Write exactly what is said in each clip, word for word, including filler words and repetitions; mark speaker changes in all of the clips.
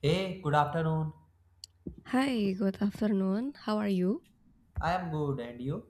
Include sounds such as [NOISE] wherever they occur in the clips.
Speaker 1: Hey, good afternoon.
Speaker 2: Hi, good afternoon. How are you?
Speaker 1: I am good, and you?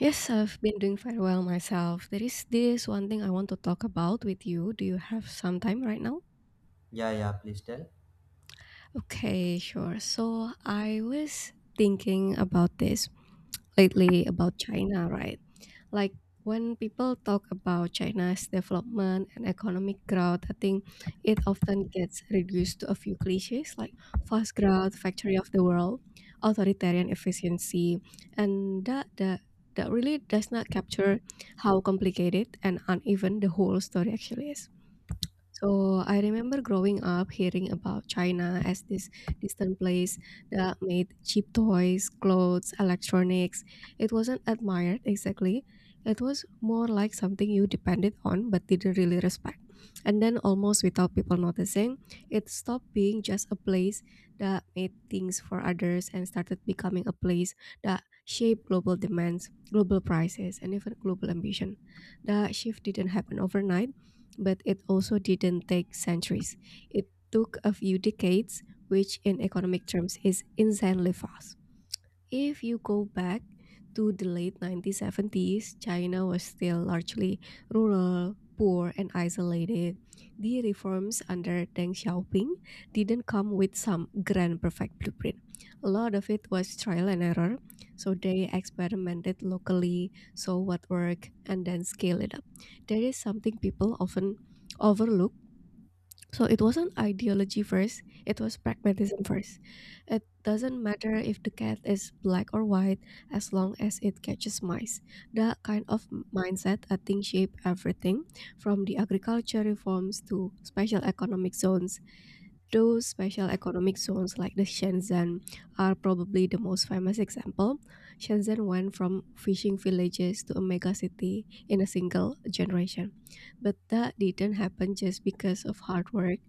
Speaker 2: Yes, I've been doing very well myself. There is this one thing I want to talk about with you. Do you have some time right now?
Speaker 1: Yeah, yeah, please tell.
Speaker 2: Okay, sure. So I was thinking about this lately about China, right? Like when people talk about China's development and economic growth, I think it often gets reduced to a few cliches like fast growth, factory of the world, authoritarian efficiency, and that that that really does not capture how complicated and uneven the whole story actually is. So I remember growing up hearing about China as this distant place that made cheap toys, clothes, electronics. It wasn't admired exactly. It was more like something you depended on but didn't really respect. And then almost without people noticing, it stopped being just a place that made things for others and started becoming a place that shaped global demands, global prices, and even global ambition. That shift didn't happen overnight, but it also didn't take centuries. It took a few decades, which in economic terms is insanely fast. If you go back to the late nineteen seventies, China was still largely rural, poor, and isolated. The reforms under Deng Xiaoping didn't come with some grand perfect blueprint. A lot of it was trial and error, so they experimented locally, saw what worked, and then scaled it up. There is something people often overlook, so it wasn't ideology first, it was pragmatism first. It doesn't matter if the cat is black or white as long as it catches mice. That kind of m- mindset, I think, shaped everything from the agriculture reforms to special economic zones. Those special economic zones like the Shenzhen are probably the most famous example. Shenzhen went from fishing villages to a mega city in a single generation. But that didn't happen just because of hard work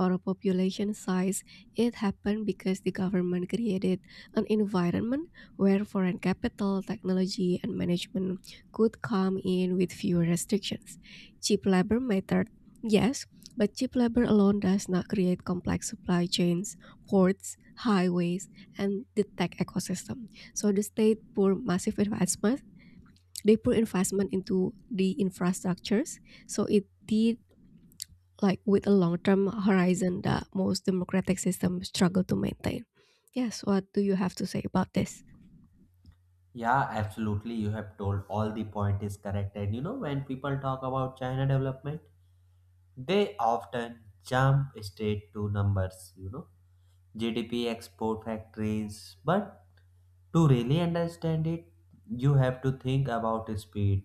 Speaker 2: or a population size. It happened because the government created an environment where foreign capital, technology, and management could come in with fewer restrictions. Cheap labor mattered, yes, but cheap labor alone does not create complex supply chains, ports, highways, and the tech ecosystem. So the state pour massive investment. They pour investment into the infrastructures. So it did, like, with a long term horizon that most democratic systems struggle to maintain. Yes, what do you have to say about this?
Speaker 1: Yeah, absolutely. You have told all the point is correct. And you know, when people talk about China development, they often jump straight to numbers, you know, G D P export factories. But to really understand it, you have to think about speed.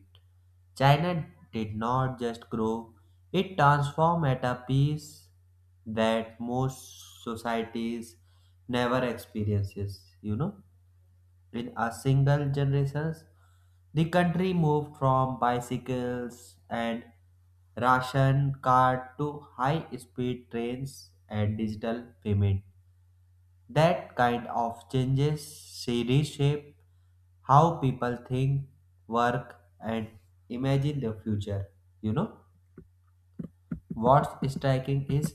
Speaker 1: China did not just grow, it transformed at a pace that most societies never experiences, you know. In a single generation, the country moved from bicycles and ration card to high speed trains and digital payment. That kind of changes she reshape how people think, work, and imagine the future. You know, what's striking is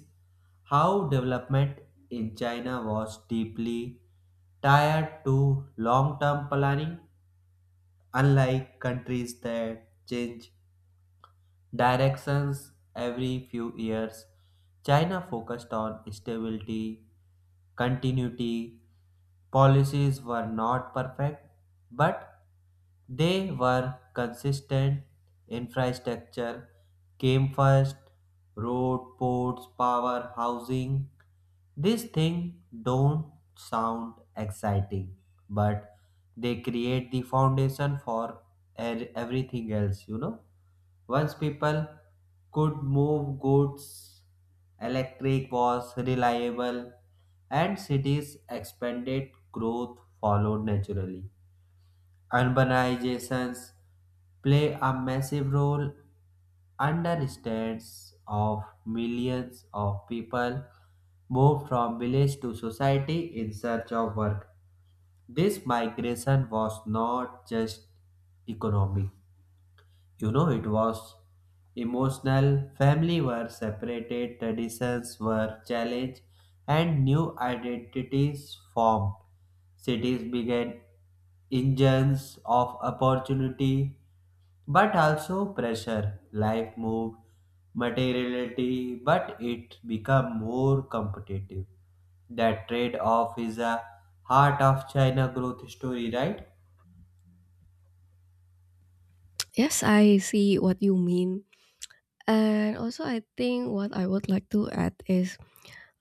Speaker 1: how development in China was deeply tied to long term planning, unlike countries that change directions every few years. China focused on stability, continuity. Policies were not perfect, but they were consistent. Infrastructure came first road, ports, power, housing. These things don't sound exciting, but they create the foundation for er- everything else, you know. Once people could move goods, electric was reliable, and cities expanded, growth followed naturally. Urbanizations play a massive role understands of millions of people moved from village to society in search of work. This migration was not just economic, you know, it was emotional. Family were separated, traditions were challenged, and new identities formed. Cities began engines of opportunity but also pressure. Life moved materiality, but it became more competitive. That trade off is a heart of China growth story, right?
Speaker 2: Yes, I see what you mean. And also, I think what I would like to add is,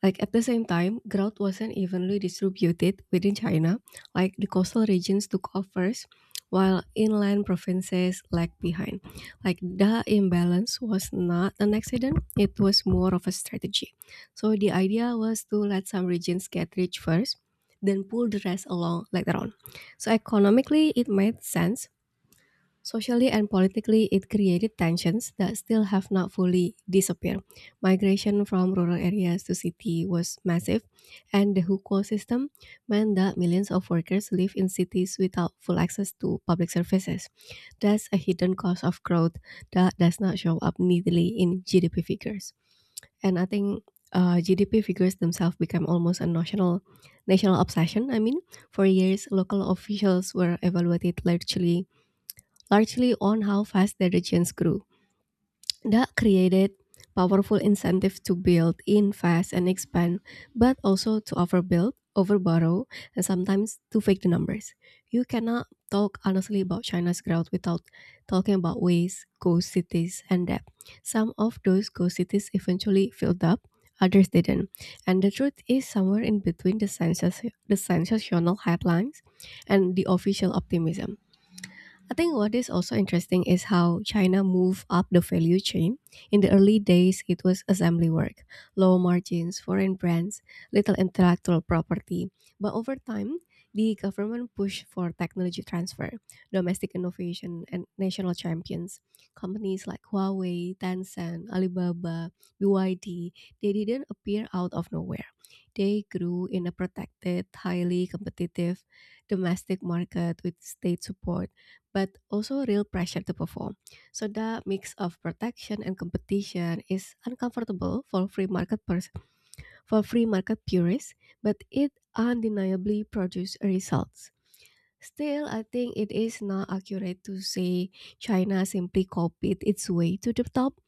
Speaker 2: like, at the same time, growth wasn't evenly distributed within China. Like the coastal regions took off first, while inland provinces lagged behind. Like the imbalance was not an accident; it was more of a strategy. So the idea was to let some regions get rich first, then pull the rest along later on. So economically, it made sense. Socially and politically, it created tensions that still have not fully disappeared. Migration from rural areas to city was massive, and the hukou system meant that millions of workers live in cities without full access to public services. That's a hidden cost of growth that does not show up neatly in G D P figures. And I think, uh, G D P figures themselves became almost a national national obsession. I mean, for years, local officials were evaluated largely largely on how fast the regions grew. That created powerful incentives to build, invest, and expand, but also to overbuild, overborrow, and sometimes to fake the numbers. You cannot talk honestly about China's growth without talking about waste, ghost cities, and debt. Some of those ghost cities eventually filled up, others didn't. And the truth is somewhere in between the, sensational the sensational headlines and the official optimism. I think what is also interesting is how China moved up the value chain. In the early days, it was assembly work, low margins, foreign brands, little intellectual property. But over time, the government pushed for technology transfer, domestic innovation, and national champions. Companies like Huawei, Tencent, Alibaba, B Y D, they didn't appear out of nowhere. They grew in a protected, highly competitive domestic market with state support, but also real pressure to perform. So that mix of protection and competition is uncomfortable for free market pers- for free market purists, but it undeniably produces results. Still, I think it is not accurate to say China simply copied its way to the top.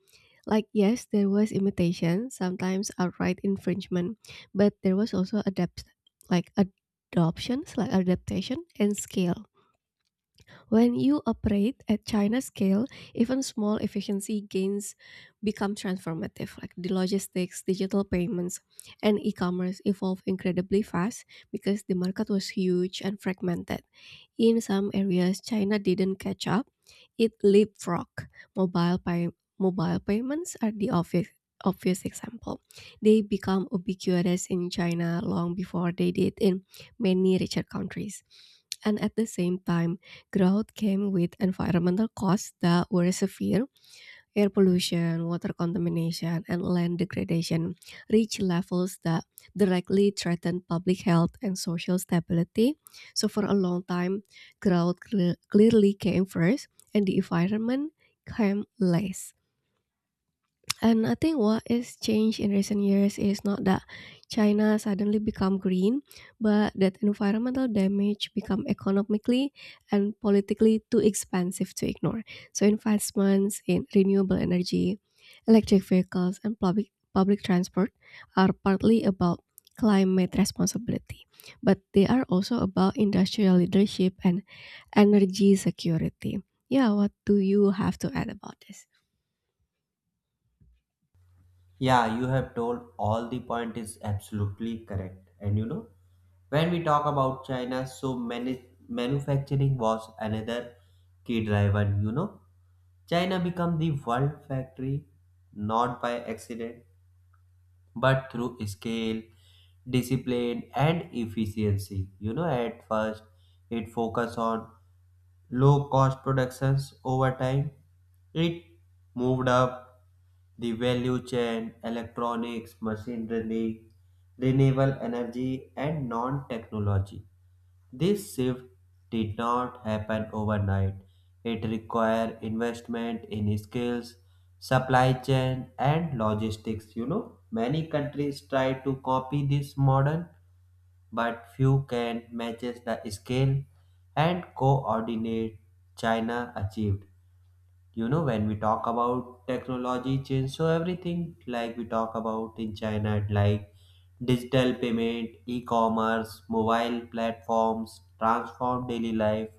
Speaker 2: Like, yes, there was imitation, sometimes outright infringement, but there was also adapt like adoptions, like adaptation and scale. When you operate at China scale, even small efficiency gains become transformative. Like the logistics, digital payments, and e-commerce evolved incredibly fast because the market was huge and fragmented. In some areas, China didn't catch up, it leapfrogged. Mobile, pay- Mobile payments are the obvious, obvious example. They become ubiquitous in China long before they did in many richer countries. And at the same time, growth came with environmental costs that were severe. Air pollution, water contamination, and land degradation reach levels that directly threaten public health and social stability. So, for a long time, growth cle- clearly came first, and the environment came last. And I think what is changed in recent years is not that China suddenly become green, but that environmental damage become economically and politically too expensive to ignore. So investments in renewable energy, electric vehicles, and public public transport are partly about climate responsibility, but they are also about industrial leadership and energy security. Yeah, what do you have to add about this?
Speaker 1: Yeah, you have told all the point is absolutely correct. And you know, when we talk about China, so many manufacturing was another key driver, you know. China become the world factory not by accident but through scale, discipline and efficiency. You know, at first it focused on low-cost productions. Over time, it moved up the value chain, electronics, machinery, renewable energy, and non-technology. This shift did not happen overnight. It required investment in skills, supply chain, and logistics. You know, many countries try to copy this model but few can matches the scale and coordinate China achieved. You know, when we talk about technology change, so everything like we talk about in China, like digital payment, e-commerce, mobile platforms transform daily life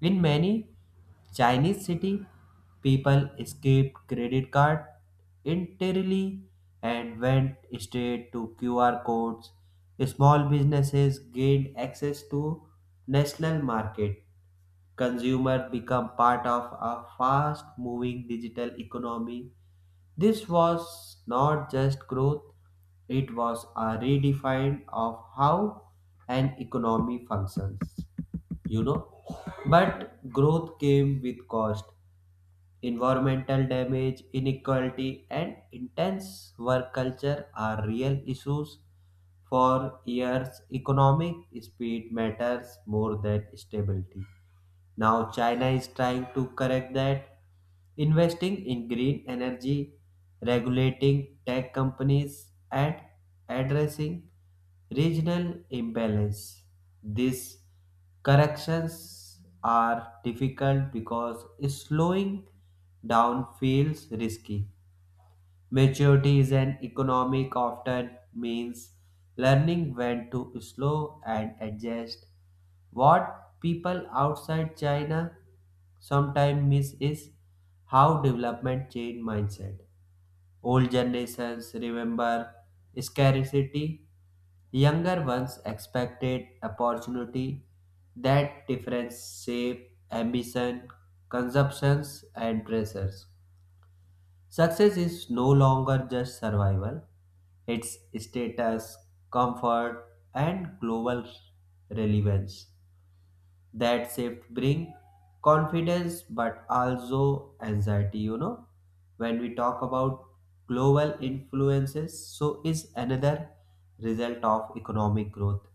Speaker 1: in many Chinese cities, people skipped credit card entirely and went straight to Q R codes. Small businesses gained access to national market. Consumers become part of a fast-moving digital economy. This was not just growth, it was a redefine of how an economy functions you know but growth came with cost environmental damage inequality and intense work culture are real issues for years economic speed matters more than stability now, China is trying to correct that, investing in green energy, regulating tech companies, and addressing regional imbalance. These corrections are difficult because slowing down feels risky. Maturity is an economic often means learning when to slow and adjust. What people outside China sometimes miss is how development change mindset. Old generations remember scarcity, younger ones expected opportunity. That difference shape ambition, consumptions and pressures. Success is no longer just survival, it's status, comfort, and global relevance. That shift bring confidence but also anxiety, you know. When we talk about global influences, so is another result of economic growth.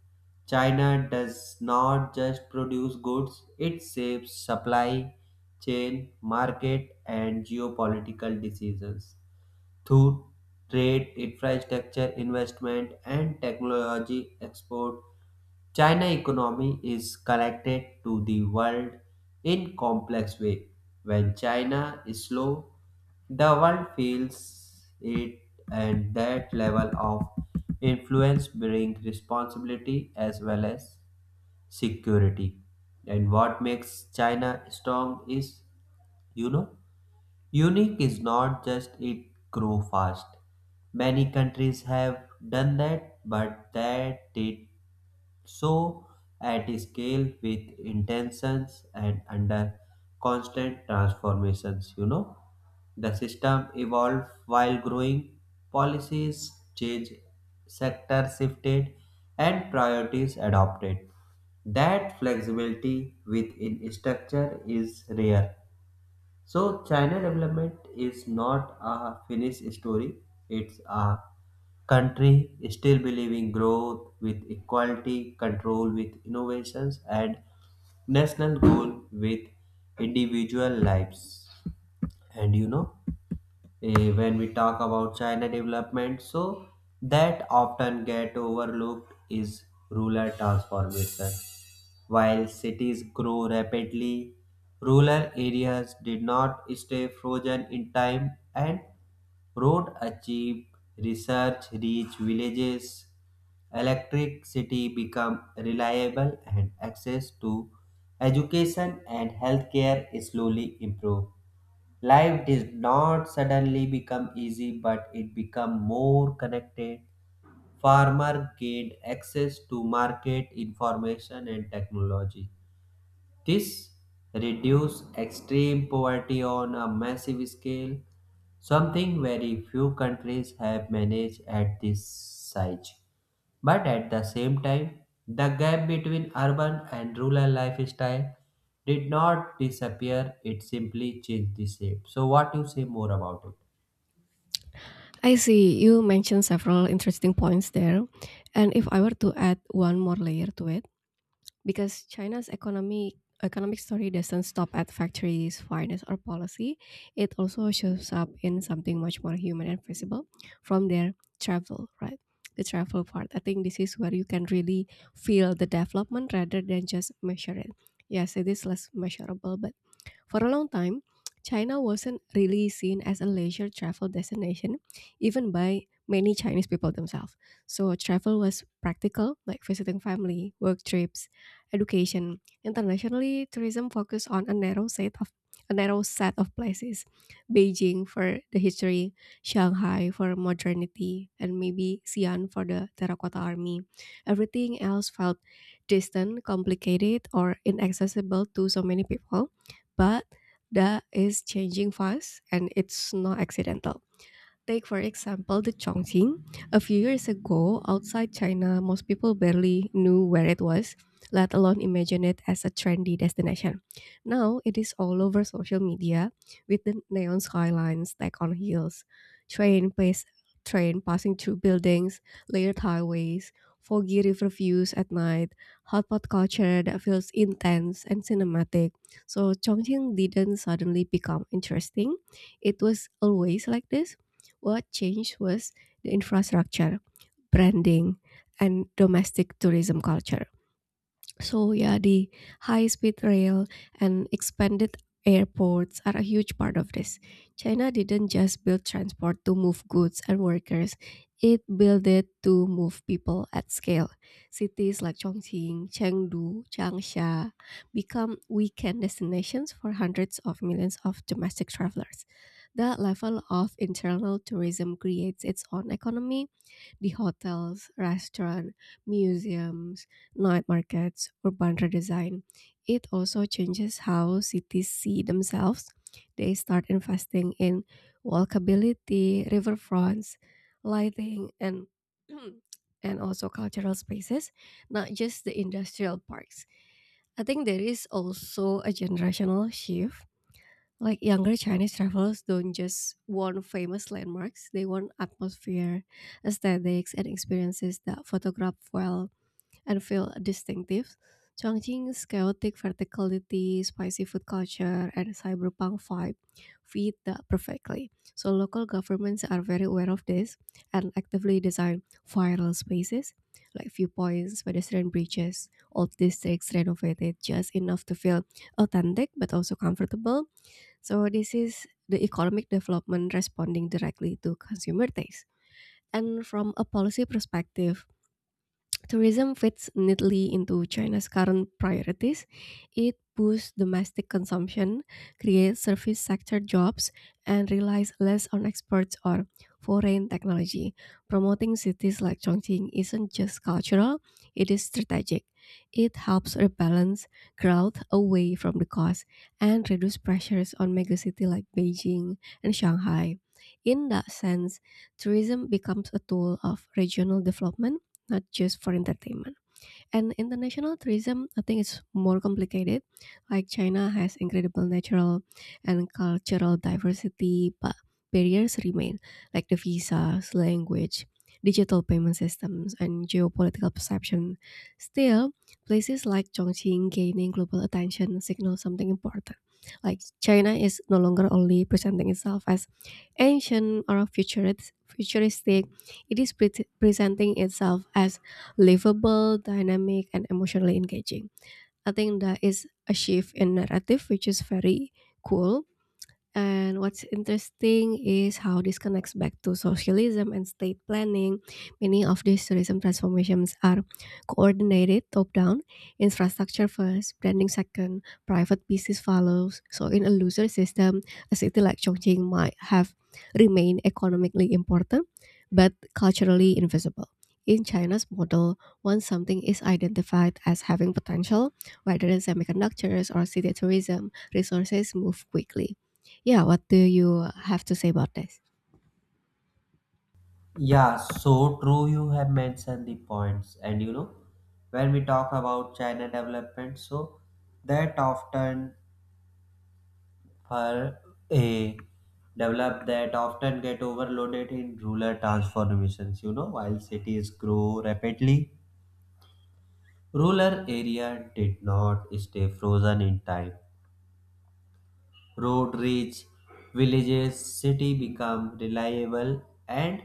Speaker 1: China does not just produce goods, it shapes supply chain, market, and geopolitical decisions through trade, infrastructure investment, and technology export, China economy is connected to the world in complex way. When China is slow, the world feels it, and that level of influence brings responsibility as well as security. And what makes China strong is, you know, Unique is not just it grow fast. Many countries have done that, but that did so at scale with intentions and under constant transformations, you know. The system evolved while growing, policies changed, sectors shifted, and priorities adopted. That flexibility within structure is rare so, China development is not a finished story, it's a country still believing growth with equality, control with innovations, and national goal with individual lives and you know eh, when we talk about china development so that often get overlooked is rural transformation while cities grow rapidly rural areas did not stay frozen in time and road achieved research reached villages electricity become reliable and access to education and healthcare slowly improved. Life did not suddenly become easy, but it became more connected. Farmer gained access to market information and technology. This reduces extreme poverty on a massive scale, something very few countries have managed at this size. But at the same time, the gap between urban and rural lifestyle did not disappear, it simply changed the shape. So, what you say more about it?
Speaker 2: I see. You mentioned several interesting points there. And if I were to add one more layer to it, because China's economy economic story doesn't stop at factories, finance, or policy, it also shows up in something much more human and visible from their travel, right? The travel part. I think this is where you can really feel the development rather than just measure it. Yes, it is less measurable, but for a long time, China wasn't really seen as a leisure travel destination, even by many Chinese people themselves. So travel was practical, like visiting family, work trips, education. Internationally, tourism focused on a narrow set of a narrow set of places. Beijing for the history, Shanghai for modernity, and maybe Xi'an for the terracotta army. Everything else felt distant, complicated, or inaccessible to so many people, but that is changing fast and it's not accidental. Take, for example, the Chongqing. A few years ago, outside China, most people barely knew where it was, let alone imagine it as a trendy destination. Now, it is all over social media with the neon skylines stacked on hills, train, pace, train passing through buildings, layered highways, foggy river views at night, hot pot culture that feels intense and cinematic. So, Chongqing didn't suddenly become interesting. It was always like this. What changed was the infrastructure, branding, and domestic tourism culture. So yeah, the high-speed rail and expanded airports are a huge part of this. China didn't just build transport to move goods and workers, it built it to move people at scale. Cities like Chongqing, Chengdu, Changsha become weekend destinations for hundreds of millions of domestic travelers. The level of internal tourism creates its own economy: the hotels, restaurant, museums, night markets, urban redesign. It also changes how cities see themselves. They start investing in walkability, riverfronts, lighting, and [CLEARS THROAT] and also cultural spaces, not just the industrial parks. I think there is also a generational shift, like younger Chinese travelers don't just want famous landmarks, they want atmosphere, aesthetics, and experiences that photograph well and feel distinctive. Chongqing's chaotic verticality, spicy food culture, and cyberpunk vibe fit that perfectly. So local governments are very aware of this and actively design viral spaces like viewpoints, pedestrian bridges, old districts renovated just enough to feel authentic but also comfortable, so this is the economic development responding directly to consumer taste. And from a policy perspective, tourism fits neatly into China's current priorities. It boosts domestic consumption, creates service sector jobs, and relies less on exports or foreign technology. Promoting cities like Chongqing isn't just cultural, it is strategic. It helps rebalance growth away from the coast and reduce pressures on megacities like Beijing and Shanghai. In that sense, tourism becomes a tool of regional development, not just for entertainment. And international tourism, I think it's more complicated. Like China has incredible natural and cultural diversity, but barriers remain, like the visas, language, digital payment systems, and geopolitical perception. Still, places like Chongqing gaining global attention signal something important. Like China is no longer only presenting itself as ancient or futurist, futuristic, it is pre- presenting itself as livable, dynamic, and emotionally engaging. I think that is a shift in narrative, which is very cool. And what's interesting is how this connects back to socialism and state planning. Many of these tourism transformations are coordinated top down, infrastructure first, branding second, private business follows. So, in a loser system, a city like Chongqing might have remained economically important but culturally invisible. In China's model, once something is identified as having potential, whether in semiconductors or city tourism, resources move quickly. Yeah, what do you have to say about this?
Speaker 1: Yeah, so true. You have mentioned the points, and you know, when we talk about China development, so that often are a developed that often get overloaded in rural transformations you know while cities grow rapidly rural area did not stay frozen in time road reach villages city become reliable and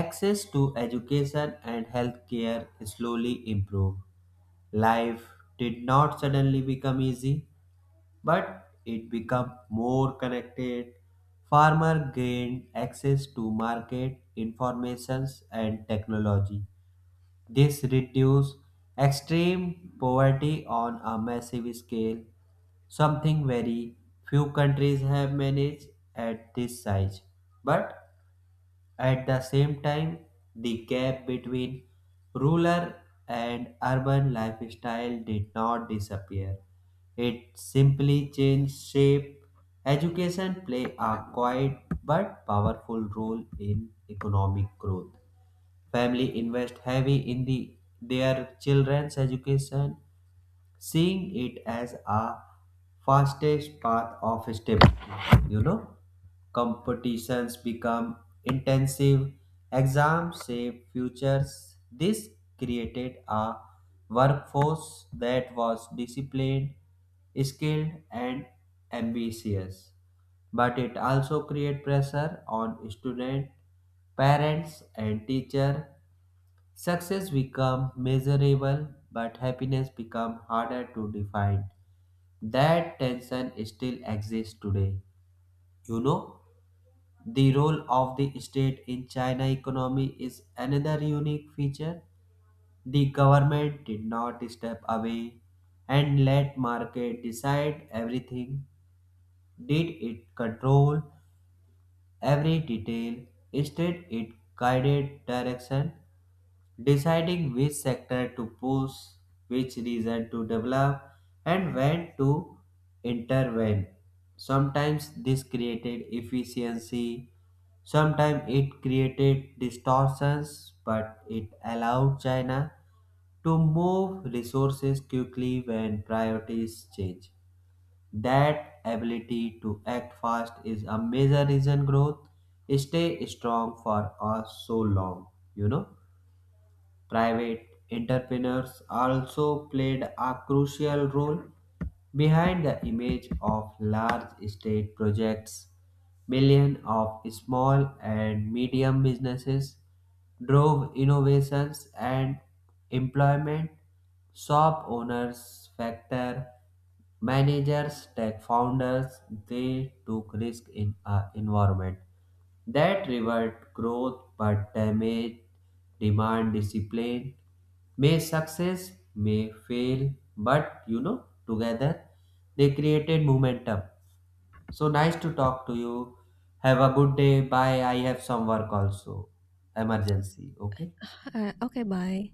Speaker 1: access to education and healthcare slowly improve. Life did not suddenly become easy but it became more connected. Farmer gained access to market informations and technology. This reduced extreme poverty on a massive scale, something very few countries have managed at this size. But at the same time, the gap between rural and urban lifestyle did not disappear. It simply changed shape. Education play a quiet but powerful role in economic growth. Family invest heavy in the their children's education seeing it as a fastest path of stability. You know, competitions become intensive, exams shape futures. This created a workforce that was disciplined, skilled, and ambitious. But it also create pressure on student, parents, and teacher Success become measurable, but happiness become harder to define. That tension still exists today. You know, the role of the state in China economy is another unique feature. The government did not step away and let market decide everything. Did it control every detail? Instead, it guided direction Deciding which sector to push, which region to develop, and when to intervene. Sometimes this created efficiency, sometimes it created distortions, but it allowed China to move resources quickly when priorities change. That ability to act fast is a major reason growth stay strong for us so long, you know. Private entrepreneurs also played a crucial role behind the image of large state projects. Millions of small and medium businesses drove innovations and employment. Shop owners, factor Managers, tech founders, they took risk in an environment that rewarded growth but damaged demand discipline. May success, may fail, but you know, together they created momentum. So nice to talk to you. Have a good day. Bye. I have some work also. Emergency. Okay.
Speaker 2: Uh, okay, bye.